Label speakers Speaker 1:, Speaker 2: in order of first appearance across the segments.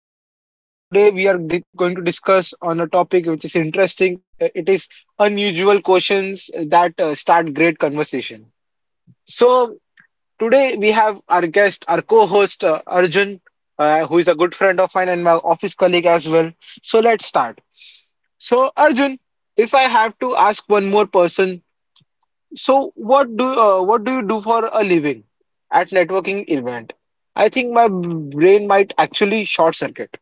Speaker 1: uh, today we are going to discuss on a topic which is interesting. It is unusual questions that start great conversation. So today we have our guest, our co-host Arjun, who is a good friend of mine and my office colleague as well. So let's start. So Arjun, if I have to ask one more person so what do you do for a living at networking event? I think my brain might actually short circuit.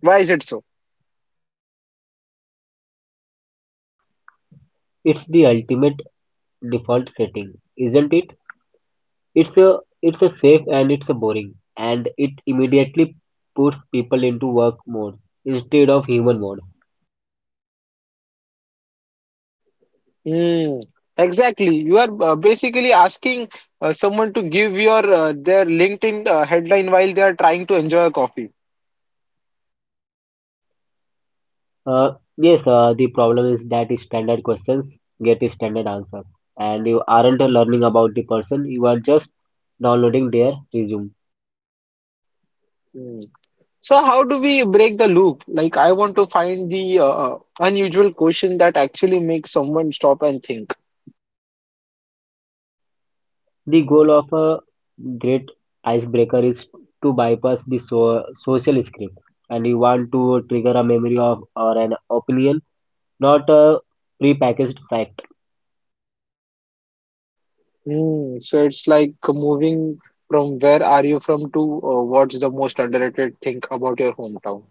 Speaker 1: Why is it so?
Speaker 2: It's the ultimate default setting, isn't it? It's a it's a safe and it's a boring, and it immediately puts people into work mode instead of human mode.
Speaker 1: Hmm. Exactly. You are basically asking someone to give your their LinkedIn headline while they are trying to enjoy a coffee.
Speaker 2: Uh, yes, the problem is that standard questions get standard answers, and you aren't learning about the person. You are just downloading their resume.
Speaker 1: Hmm. So how do we break the loop? Like I want to find the unusual question that actually makes someone stop and think.
Speaker 2: The goal of a great icebreaker is to bypass the social script, and you want to trigger a memory of or an opinion not a prepackaged fact.
Speaker 1: Hmm, so it's like moving from where are you from to what's the most underrated thing about your hometown.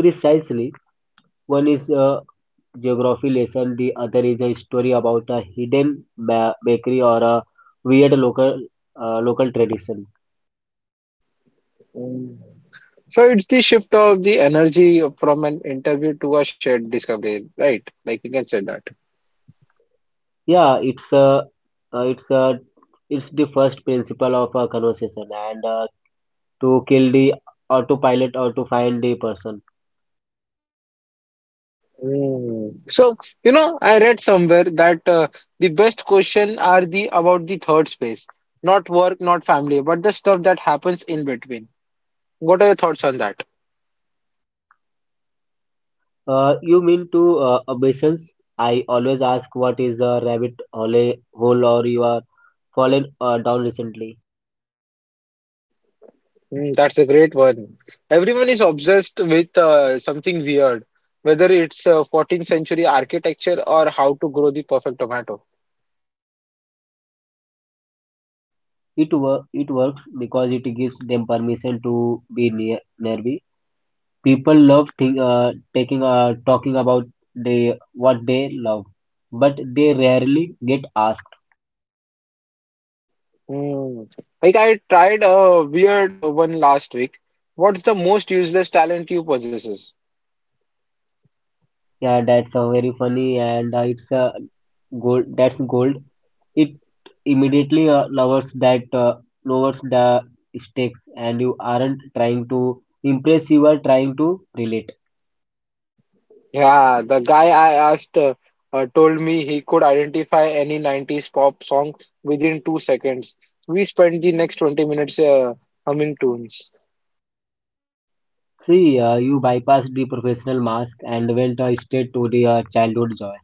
Speaker 2: Precisely, one is a geography lesson, the other is a story about a hidden bakery or a weird local local tradition.
Speaker 1: Hmm. So it's the shift of the energy from an interview to a shared discovery, right? Like you can say that.
Speaker 2: Yeah, it's a uh, it's a it's the first principle of a conversation and to kill the autopilot or to find the person.
Speaker 1: Hmm. So, you know, I read somewhere that the best question are the about the third space, not work, not family, but the stuff that happens in between. What are your thoughts on that?
Speaker 2: You mean to obeisance? I always ask what is a rabbit hole or you are fallen down recently.
Speaker 1: Mm, that's a great one. Everyone is obsessed with something weird, whether it's 14th century architecture or how to grow the perfect tomato.
Speaker 2: It works because it gives them permission to be near nervy. People love think, taking talking about they what they love, but they rarely get asked.
Speaker 1: Mm. Like I tried a weird one last week. What's the most useless talent you possesses?
Speaker 2: Yeah, that's very funny and it's gold. That's gold. It immediately lowers the stakes, and you aren't trying to impress. You are trying to relate.
Speaker 1: Yeah, the guy I asked told me he could identify any 90s pop song within 2 seconds. We spent the next 20 minutes humming tunes.
Speaker 2: See, you bypassed the professional mask and went straight to the childhood joy.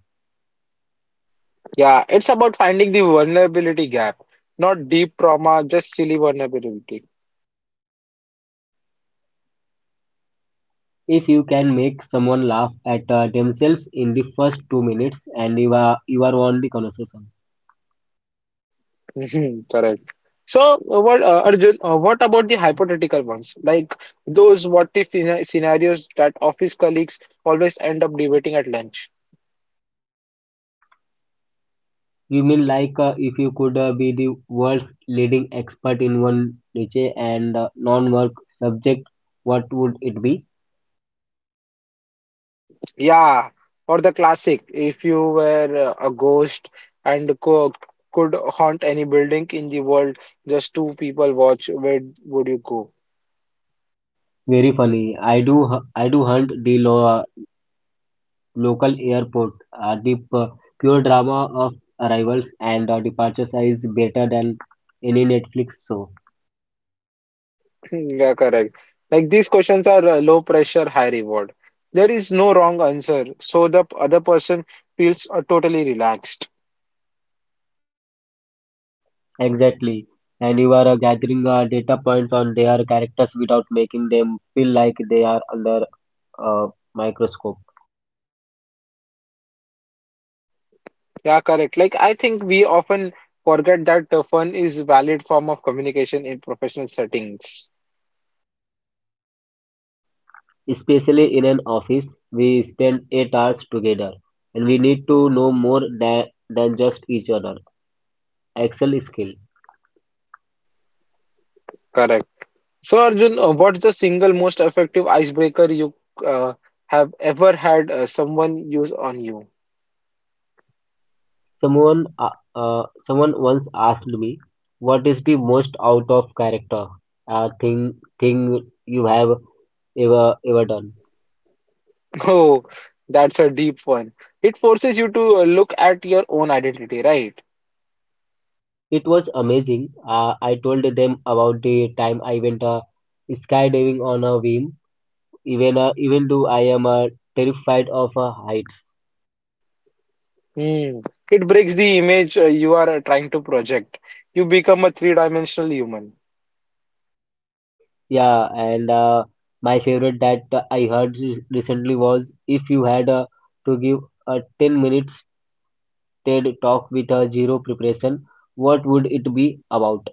Speaker 1: Yeah, it's about finding the vulnerability gap, not deep trauma, just silly vulnerability.
Speaker 2: If you can make someone laugh at themselves in the first 2 minutes and you are on the conversation.
Speaker 1: Mhm, correct. So, what Arjun? What about the hypothetical ones, like those what if scenarios that office colleagues always end up debating at lunch?
Speaker 2: You mean like if you could be the world's leading expert in one niche and non-work subject, what would it be?
Speaker 1: Yeah, or the classic, if you were a ghost and co could haunt any building in the world, just two people watch, where would you go?
Speaker 2: Very funny. I do hunt the local airport. The pure drama of arrivals and departures is better than any Netflix show.
Speaker 1: Yeah, correct. Like these questions are low pressure, high reward. There is no wrong answer, so the other person feels totally relaxed.
Speaker 2: Exactly. And you are gathering data points on their characters without making them feel like they are under a microscope.
Speaker 1: Yeah, correct. Like I think we often forget that fun is valid form of communication in professional settings.
Speaker 2: Especially in an office, we spend 8 hours together and we need to know more than just each other. Excel skill.
Speaker 1: Correct. So Arjun, what's the single most effective icebreaker you uh, have ever had someone use on you?
Speaker 2: Someone once asked me, what is the most out of character thing you have ever done?
Speaker 1: Oh, that's a deep one. It forces you to look at your own identity, right?
Speaker 2: It was amazing. I told them about the time I went skydiving on a whim, even though I am terrified of heights.
Speaker 1: Hmm. It breaks the image you are trying to project. You become a three-dimensional human.
Speaker 2: Yeah, and my favorite that I heard recently was if you had to give a 10 minutes TED talk with zero preparation, what would it be about?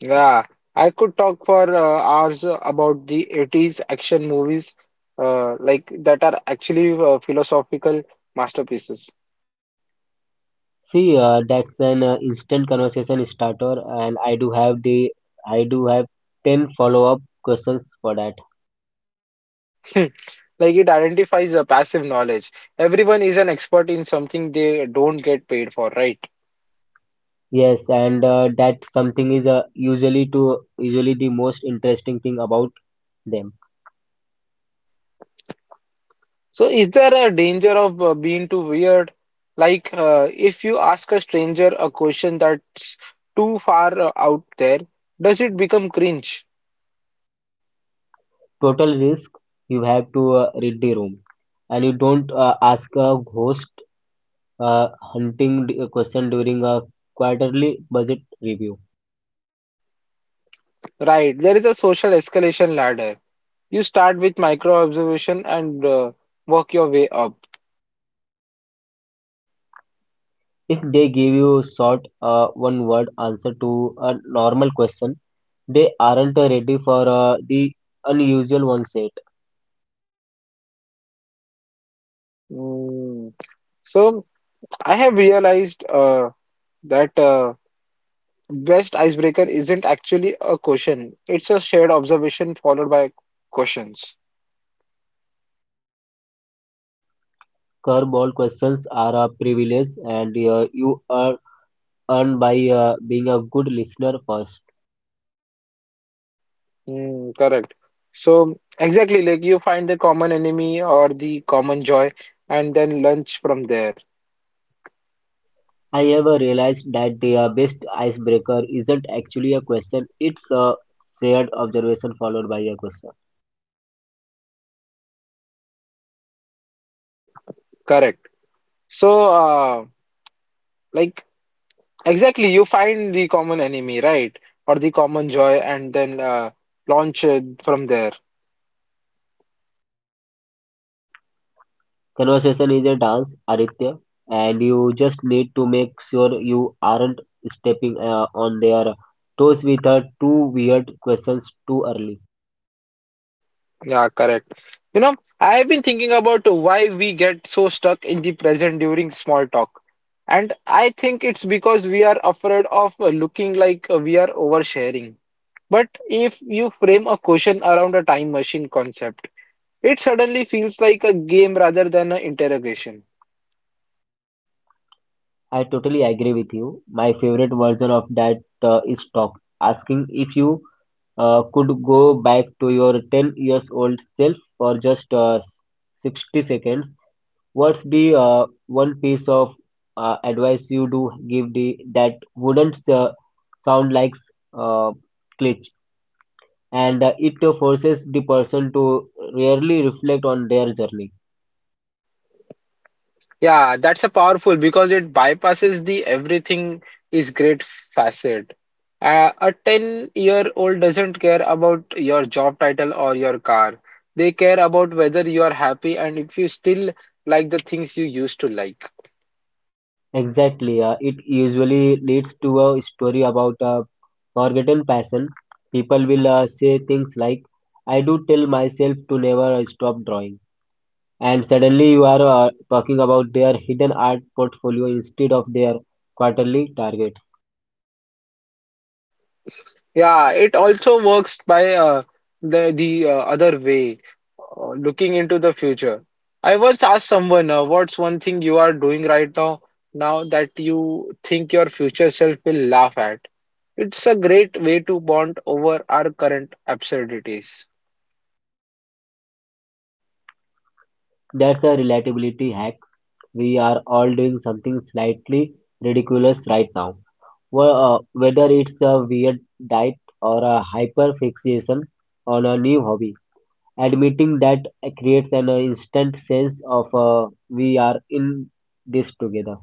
Speaker 1: Yeah, I could talk for hours about the 80s action movies like that are actually philosophical masterpieces.
Speaker 2: See, that's an instant conversation starter, and I do have 10 follow-up questions for that.
Speaker 1: Like it identifies a passive knowledge. Everyone is an expert in something they don't get paid for, right?
Speaker 2: Yes, and that something is usually the most interesting thing about them.
Speaker 1: So is there a danger of being too weird? Like if you ask a stranger a question that's too far out there, does it become cringe?
Speaker 2: Total risk, you have to read the room, and you don't ask a ghost uh, hunting question during a quarterly budget review.
Speaker 1: Right, there is a social escalation ladder. You start with micro observation and work your way up.
Speaker 2: If they give you short one-word answer to a normal question, they aren't ready for the unusual one set.
Speaker 1: Mm. So I have realized that best icebreaker isn't actually a question. It's a shared observation followed by questions.
Speaker 2: Curveball questions are a privilege, and you are earned by being a good listener first.
Speaker 1: Mm, correct. So exactly like you find the common enemy or the common joy and then launch from there.
Speaker 2: I ever realized that the best icebreaker isn't actually a question, it's a shared observation followed by a question.
Speaker 1: Correct. So like exactly you find the common enemy, right? Or the common joy and then launch from there.
Speaker 2: Conversation is a dance, Aditya, and you just need to make sure you aren't stepping on their toes with two weird questions too early.
Speaker 1: Yeah, correct. You know, I've been thinking about why we get so stuck in the present during small talk. And I think it's because we are afraid of looking like we are oversharing. But if you frame a question around a time machine concept, it suddenly feels like a game rather than an interrogation.
Speaker 2: I totally agree with you. My favorite version of that is talk, asking if you could go back to your 10 years old self for just 60 seconds. What's the one piece of advice you do give the that wouldn't sound like uh, glitch, and it forces the person to really reflect on their journey.
Speaker 1: Yeah, that's a powerful because it bypasses the everything is great facet. A 10-year-old doesn't care about your job title or your car. They care about whether you are happy and if you still like the things you used to like.
Speaker 2: Exactly. It usually leads to a story about a forgotten passion. People will say things like, I do tell myself to never stop drawing. And suddenly you are talking about their hidden art portfolio instead of their quarterly target.
Speaker 1: Yeah, it also works by the other way, looking into the future. I once asked someone, "What's one thing you are doing right now that you think your future self will laugh at?" It's a great way to bond over our current absurdities.
Speaker 2: That's a relatability hack. We are all doing something slightly ridiculous right now. Well, whether it's a weird diet or a hyper fixation on a new hobby. Admitting that creates an instant sense of we are in this together.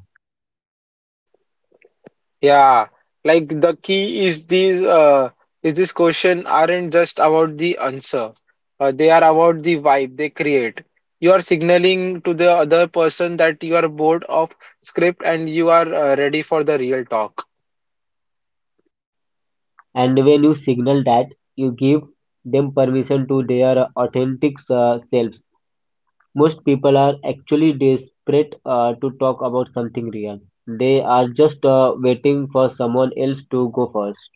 Speaker 1: Yeah, like the key is these is this question aren't just about the answer. They are about the vibe they create. You are signaling to the other person that you are bored of script and you are ready for the real talk.
Speaker 2: And when you signal that you give them permission to their authentic selves. Most people are actually desperate to talk about something real. They are just waiting for someone else to go first.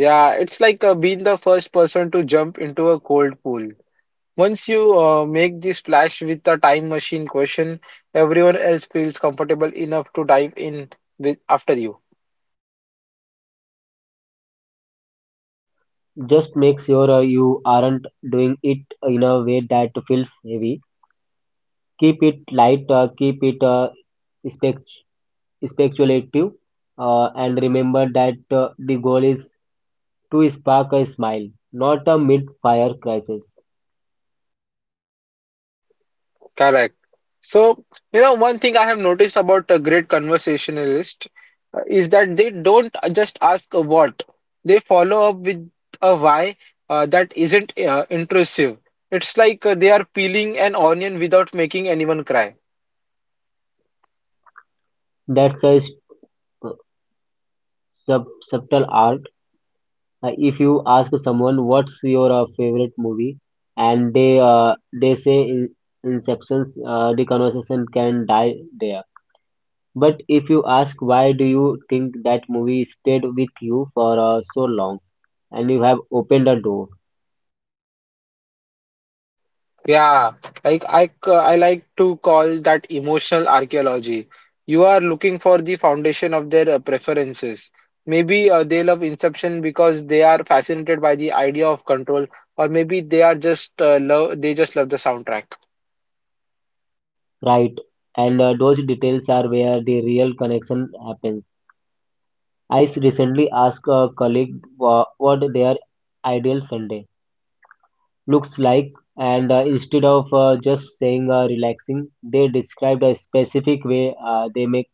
Speaker 1: Yeah, it's like being the first person to jump into a cold pool. Once you make this splash with the time machine question, everyone else feels comfortable enough to dive in with after you.
Speaker 2: Just make sure you aren't doing it in a way that feels heavy. Keep it light, keep it spec- speculative, and remember that the goal is to spark a smile, not a mid-fire crisis.
Speaker 1: Correct. So, you know, one thing I have noticed about a great conversationalist is that they don't just ask a what, they follow up with a why that isn't intrusive. It's like they are peeling an onion without making anyone cry.
Speaker 2: That's a subtle art. If you ask someone what's your favorite movie, and they say Inception, the conversation can die there. But if you ask why do you think that movie stayed with you for so long, and you have opened a door.
Speaker 1: Yeah, like I like to call that emotional archaeology. You are looking for the foundation of their preferences. Maybe they love Inception because they are fascinated by the idea of control, or maybe they are just love they just love the soundtrack.
Speaker 2: Right, and those details are where the real connection happens. Recently asked a colleague what their ideal Sunday looks like, and instead of just saying relaxing, they described a specific way they make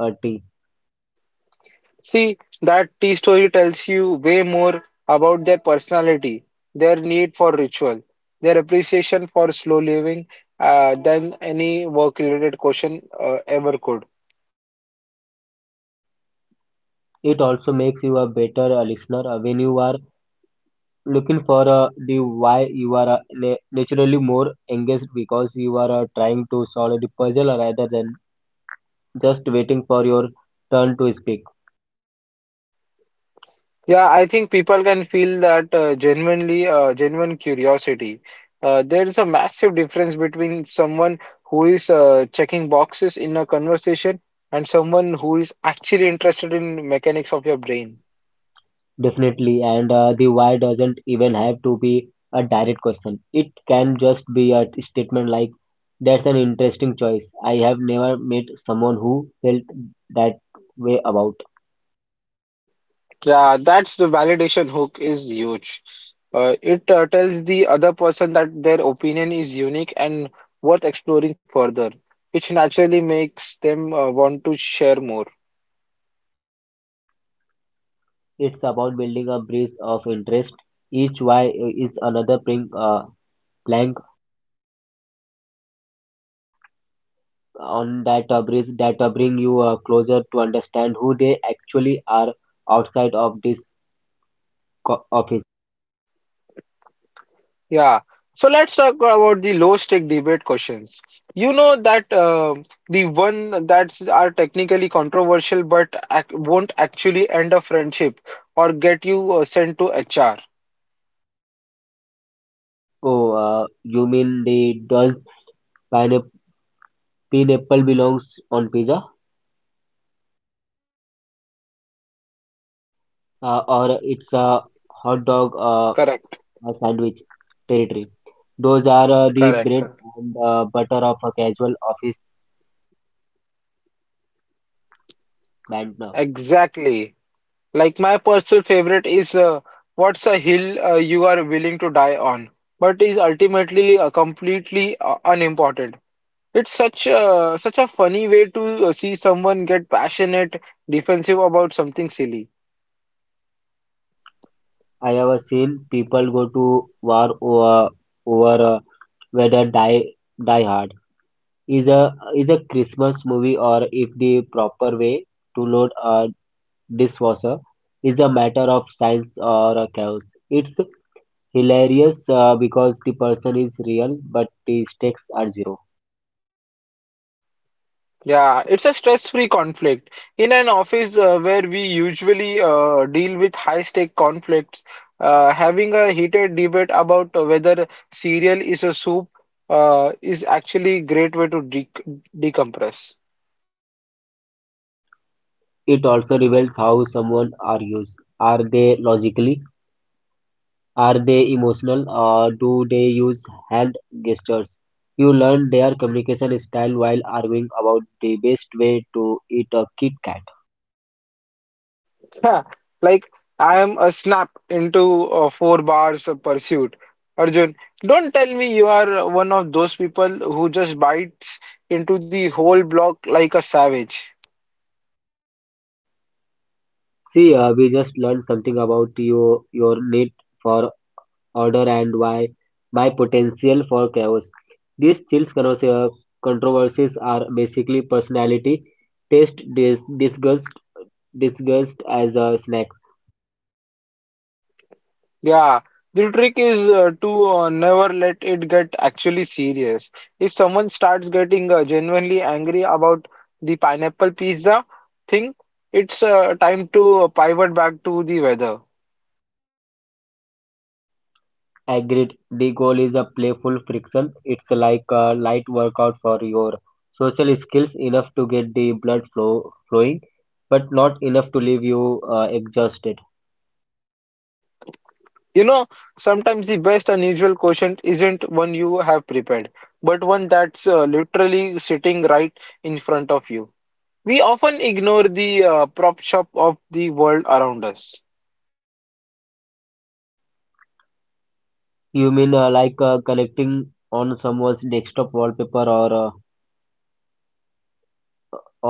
Speaker 2: a tea.
Speaker 1: See, that tea story tells you way more about their personality, their need for ritual, their appreciation for slow living, than any work-related question ever could.
Speaker 2: It also makes you a better listener when you are looking for the why. You are naturally more engaged because you are trying to solve the puzzle rather than just waiting for your turn to speak.
Speaker 1: Yeah, I think people can feel that genuine curiosity. There is a massive difference between someone who is checking boxes in a conversation and someone who is actually interested in mechanics of your brain.
Speaker 2: Definitely, and the why doesn't even have to be a direct question. It can just be a statement like, "That's an interesting choice. I have never met someone who felt that way about."
Speaker 1: Yeah, that's the validation hook is huge. It tells the other person that their opinion is unique and worth exploring further, which naturally makes them want to share more.
Speaker 2: It's about building a bridge of interest. Each why is another plank on that bridge that bring you closer to understand who they actually are outside of this office.
Speaker 1: Yeah. So let's talk about the low stake debate questions. You know that the one that's are technically controversial but ac won't actually end a friendship or get you sent to HR.
Speaker 2: Oh, you mean the does pineapple pineapple belongs on pizza or it's a hot dog
Speaker 1: Correct,
Speaker 2: a sandwich territory. Those are the
Speaker 1: correct,
Speaker 2: bread
Speaker 1: correct.
Speaker 2: and butter of a casual office man now.
Speaker 1: Exactly. Like my personal favorite is what's a hill you are willing to die on, but is ultimately completely unimportant. It's such a such a funny way to see someone get passionate, defensive about something silly.
Speaker 2: I have seen people go to over whether Die Hard is a Christmas movie or if the proper way to load a dishwasher is a matter of science or a chaos. It's hilarious because the person is real, but the stakes are zero.
Speaker 1: Yeah, it's a stress-free conflict. In an office where we usually deal with high-stake conflicts, having a heated debate about whether cereal is a soup is actually a great way to de decompress.
Speaker 2: It also reveals how someone argues. Are they logical? Are they emotional? Or do they use hand gestures? You learn their communication style while arguing about the best way to eat a Kit Kat.
Speaker 1: Yeah, like I am a snap into four bars of pursuit. Arjun, don't tell me you are one of those people who just bites into the whole block like a savage.
Speaker 2: See, we just learned something about your need for order and why my potential for chaos. These chills, controversies are basically personality, taste, disgust, disgust as a snack.
Speaker 1: Yeah, the trick is to never let it get actually serious. If someone starts getting genuinely angry about the pineapple pizza thing, it's time to pivot back to the weather.
Speaker 2: Agreed. The goal is a playful friction. It's like a light workout for your social skills, enough to get the blood flowing, but not enough to leave you exhausted.
Speaker 1: You know, sometimes the best unusual quotient isn't one you have prepared, but one that's literally sitting right in front of you. We often ignore the prop shop of the world around us.
Speaker 2: You mean like connecting on someone's desktop wallpaper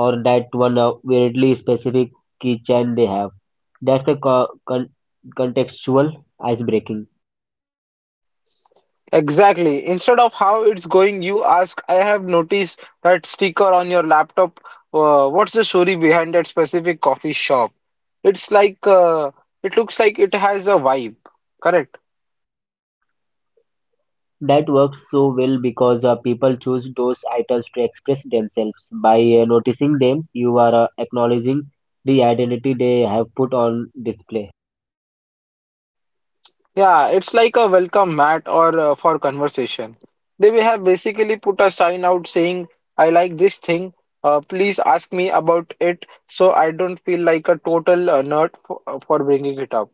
Speaker 2: or that one weirdly specific keychain they have. That's a contextual icebreaking.
Speaker 1: Exactly. Instead of how it's going, you ask, I have noticed that sticker on your laptop. What's the story behind that specific coffee shop? It's like, it looks like it has a vibe. Correct.
Speaker 2: That works so well because people choose those items to express themselves. By noticing them, you are acknowledging the identity they have put on display.
Speaker 1: Yeah, it's like a welcome mat or for conversation. They will have basically put a sign out saying, I like this thing. Please ask me about it so I don't feel like a total nerd for bringing it up.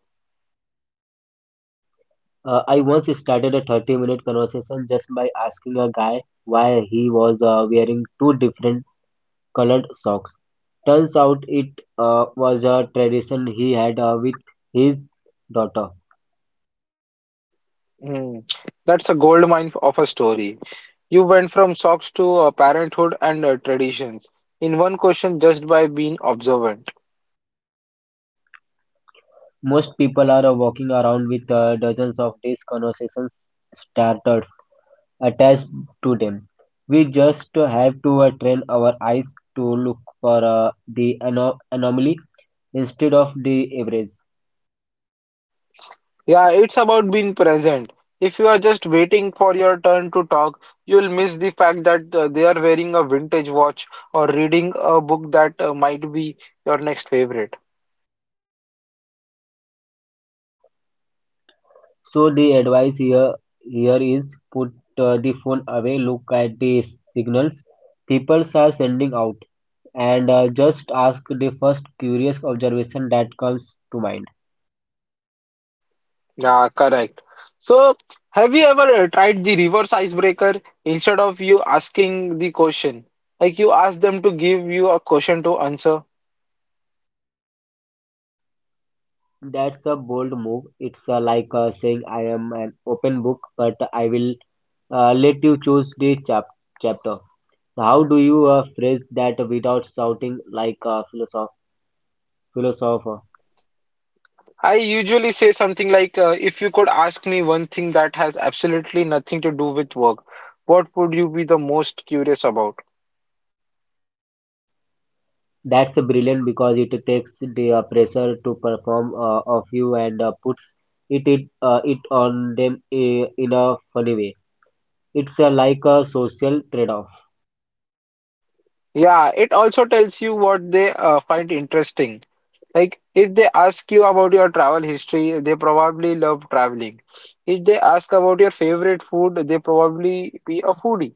Speaker 2: I once started a 30-minute conversation just by asking a guy why he was wearing two different colored socks. Turns out it was a tradition he had with his daughter.
Speaker 1: Hmm. That's a gold mine of a story. You went from socks to parenthood and traditions in one question just by being observant.
Speaker 2: Most people are walking around with dozens of these conversations started attached to them. We just have to train our eyes to look for the anomaly instead of the average.
Speaker 1: Yeah, it's about being present. If you are just waiting for your turn to talk, you'll miss the fact that they are wearing a vintage watch or reading a book that might be your next favorite.
Speaker 2: So the advice here is put the phone away, look at the signals people are sending out and just ask the first curious observation that comes to mind.
Speaker 1: Yeah, correct. So, have you ever tried the reverse icebreaker instead of you asking the question? Like you ask them to give you a question to answer.
Speaker 2: That's a bold move. It's like saying, I am an open book, but I will let you choose the chapter. How do you phrase that without sounding like a philosopher?
Speaker 1: I usually say something like, if you could ask me one thing that has absolutely nothing to do with work, what would you be the most curious about?
Speaker 2: That's brilliant because it takes the pressure to perform of you and puts it on them in a funny way. It's like a social trade-off.
Speaker 1: Yeah, it also tells you what they find interesting. Like if they ask you about your travel history, they probably love traveling. If they ask about your favorite food, they probably be a foodie.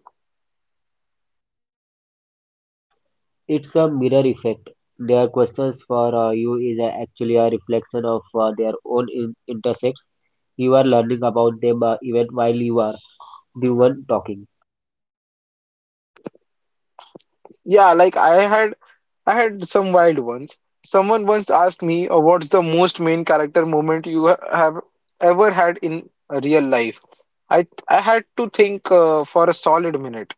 Speaker 2: It's a mirror effect. Their questions for you is actually a reflection of their own intersects. You are learning about them even while you are the one talking.
Speaker 1: Yeah, like I had some wild ones. Someone once asked me, "What's the most main character moment you ha have ever had in real life?" I had to think for a solid minute.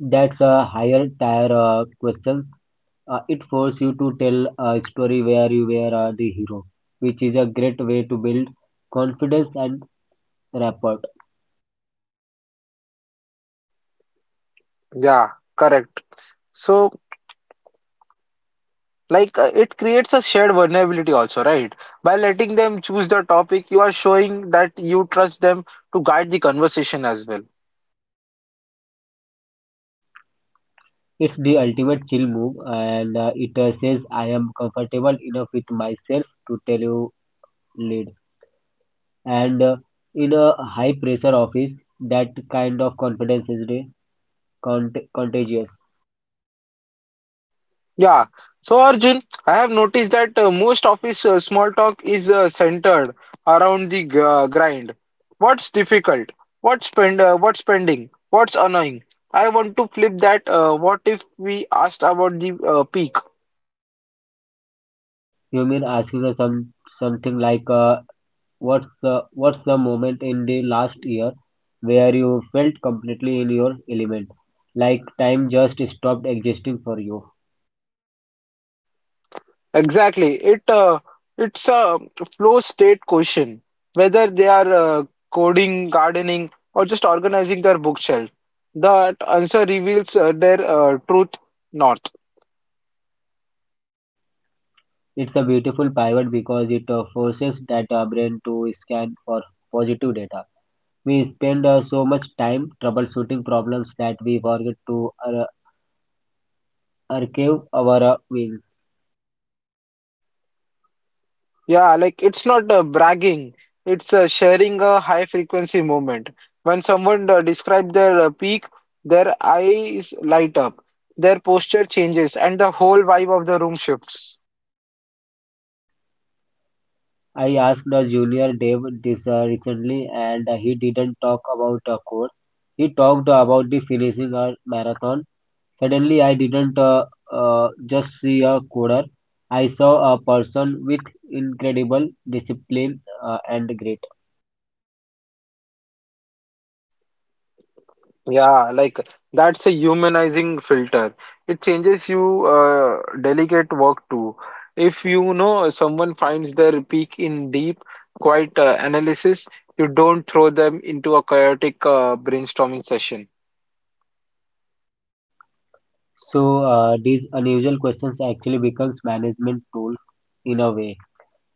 Speaker 2: That's a higher tier question. It forces you to tell a story where you were the hero, which is a great way to build confidence and rapport.
Speaker 1: Yeah, correct. So. Like it creates a shared vulnerability also, right? By letting them choose the topic, you are showing that you trust them to guide the conversation as well.
Speaker 2: It's the ultimate chill move, and it says I am comfortable enough with myself to tell you lead. And in a high pressure office that kind of confidence is contagious.
Speaker 1: Yeah. So Arjun, I have noticed that most of his small talk is centered around the grind. What's difficult? What's spend? What's spending? What's annoying? I want to flip that. What if we asked about the peak?
Speaker 2: You mean asking us some something like, what's the moment in the last year where you felt completely in your element, like time just stopped existing for you.
Speaker 1: Exactly. It's a flow state question, whether they are coding, gardening, or just organizing their bookshelf. That answer reveals their truth north.
Speaker 2: It's a beautiful pivot because it forces that brain to scan for positive data. We spend so much time troubleshooting problems that we forget to archive our wins.
Speaker 1: Yeah, like it's not bragging. It's sharing a high frequency moment. When someone describes their peak, their eyes light up, their posture changes, and the whole vibe of the room shifts.
Speaker 2: I asked a junior dev this recently and he didn't talk about a course. He talked about the finishing a marathon. Suddenly, I didn't just see a coder. I saw a person with incredible discipline and grit.
Speaker 1: Yeah, like that's a humanizing filter. It changes you delicate work too. If you know someone finds their peak in deep, quiet analysis, you don't throw them into a chaotic brainstorming session.
Speaker 2: So these unusual questions actually becomes management tools in a way,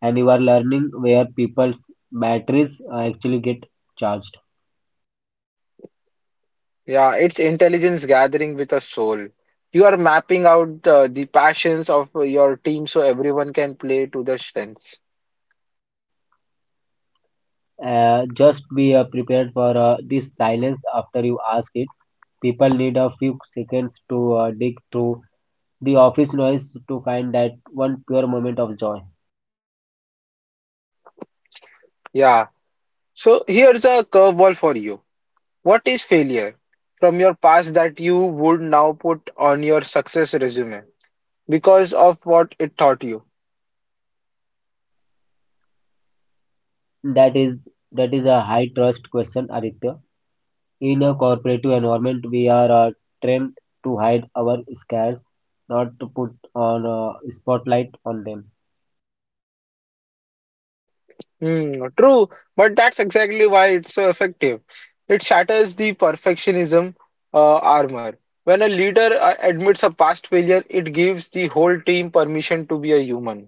Speaker 2: and you are learning where people's batteries actually get charged.
Speaker 1: Yeah, it's intelligence gathering with a soul. You are mapping out the passions of your team so everyone can play to their strengths.
Speaker 2: Just be prepared for this silence after you ask it. People need a few seconds to dig through the office noise to find that one pure moment of joy.
Speaker 1: Yeah. So here's a curveball for you. What is failure from your past that you would now put on your success resume because of what it taught you?
Speaker 2: That is that is a high trust question, Aditya. In a corporate environment, we are trained to hide our scares, not to put on a spotlight on them.
Speaker 1: Hmm, true, but that's exactly why it's so effective. It shatters the perfectionism armor. When a leader admits a past failure, it gives the whole team permission to be a human.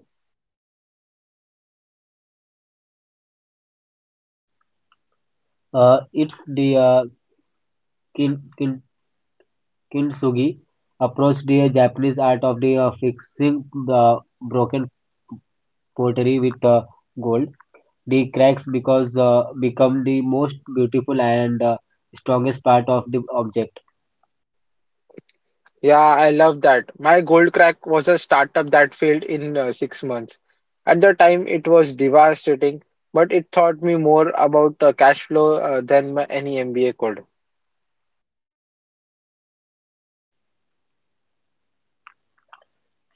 Speaker 2: It's the kin, kin, kintsugi approach, the Japanese art of the fixing the broken pottery with gold. The cracks because become the most beautiful and strongest part of the object.
Speaker 1: Yeah, I love that. My Gold Crack was a startup that failed in 6 months. At the time, it was devastating, but it taught me more about cash flow than my, any MBA could.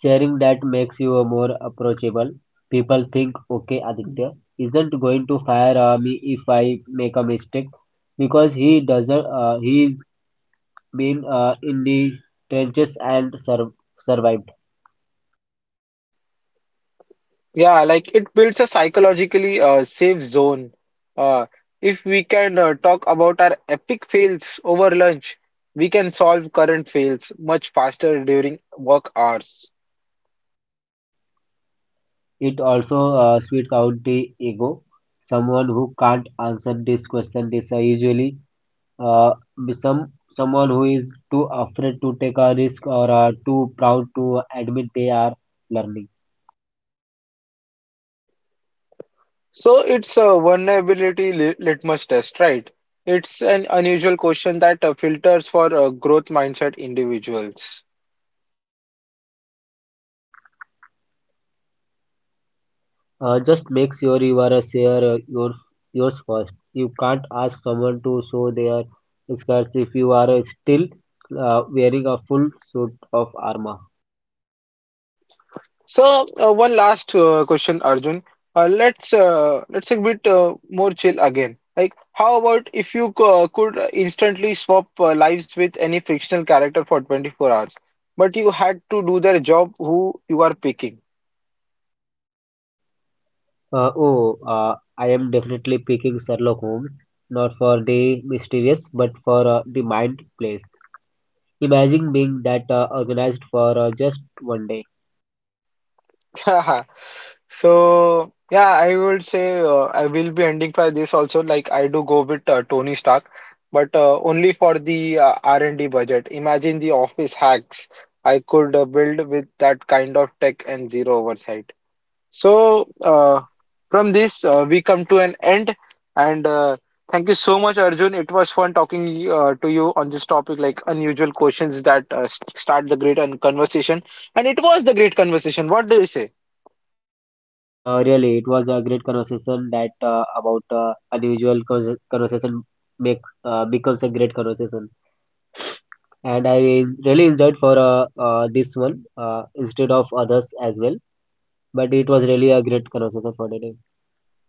Speaker 2: Sharing that makes you more approachable. People think, okay, Aditya isn't going to fire me if I make a mistake because he doesn't. He's been in the trenches and survived.
Speaker 1: Yeah, like it builds a psychologically safe zone. Uh, if we can talk about our epic fails over lunch, we can solve current fails much faster during work hours.
Speaker 2: It also sweets out the ego. Someone who can't answer this question is usually uh, be some someone who is too afraid to take a risk or are too proud to admit they are learning.
Speaker 1: So it's a vulnerability litmus test, right? It's an unusual question that filters for growth mindset individuals.
Speaker 2: Just make sure you are a share yours first. You can't ask someone to show their scars if you are still wearing a full suit of armor.
Speaker 1: So one last question, Arjun. Let's a bit more chill again. Like, how about if you could instantly swap lives with any fictional character for 24 hours, but you had to do their job, who you are picking?
Speaker 2: Oh, I am definitely picking Sherlock Holmes, not for the mysterious, but for the mind place. Imagine being that organized for just one day.
Speaker 1: So yeah, I would say I will be ending for this also. Like I do go with Tony Stark, but only for the R&D budget. Imagine the office hacks I could build with that kind of tech and zero oversight. So uh, from this we come to an end, and thank you so much, Arjun. It was fun talking to you on this topic, like unusual questions that start the great conversation, and it was the great conversation. What do you say?
Speaker 2: Really, it was a great conversation that about unusual conversation makes becomes a great conversation, and I really enjoyed for this one instead of others as well. But it was really a great conversation for today.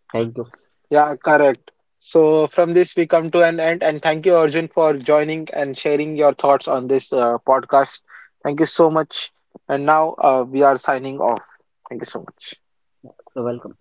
Speaker 2: Thank you.
Speaker 1: Yeah, correct. So from this we come to an end and thank you Arjun for joining and sharing your thoughts on this podcast. Thank you so much. And now we are signing off. Thank you so much.
Speaker 2: You're welcome.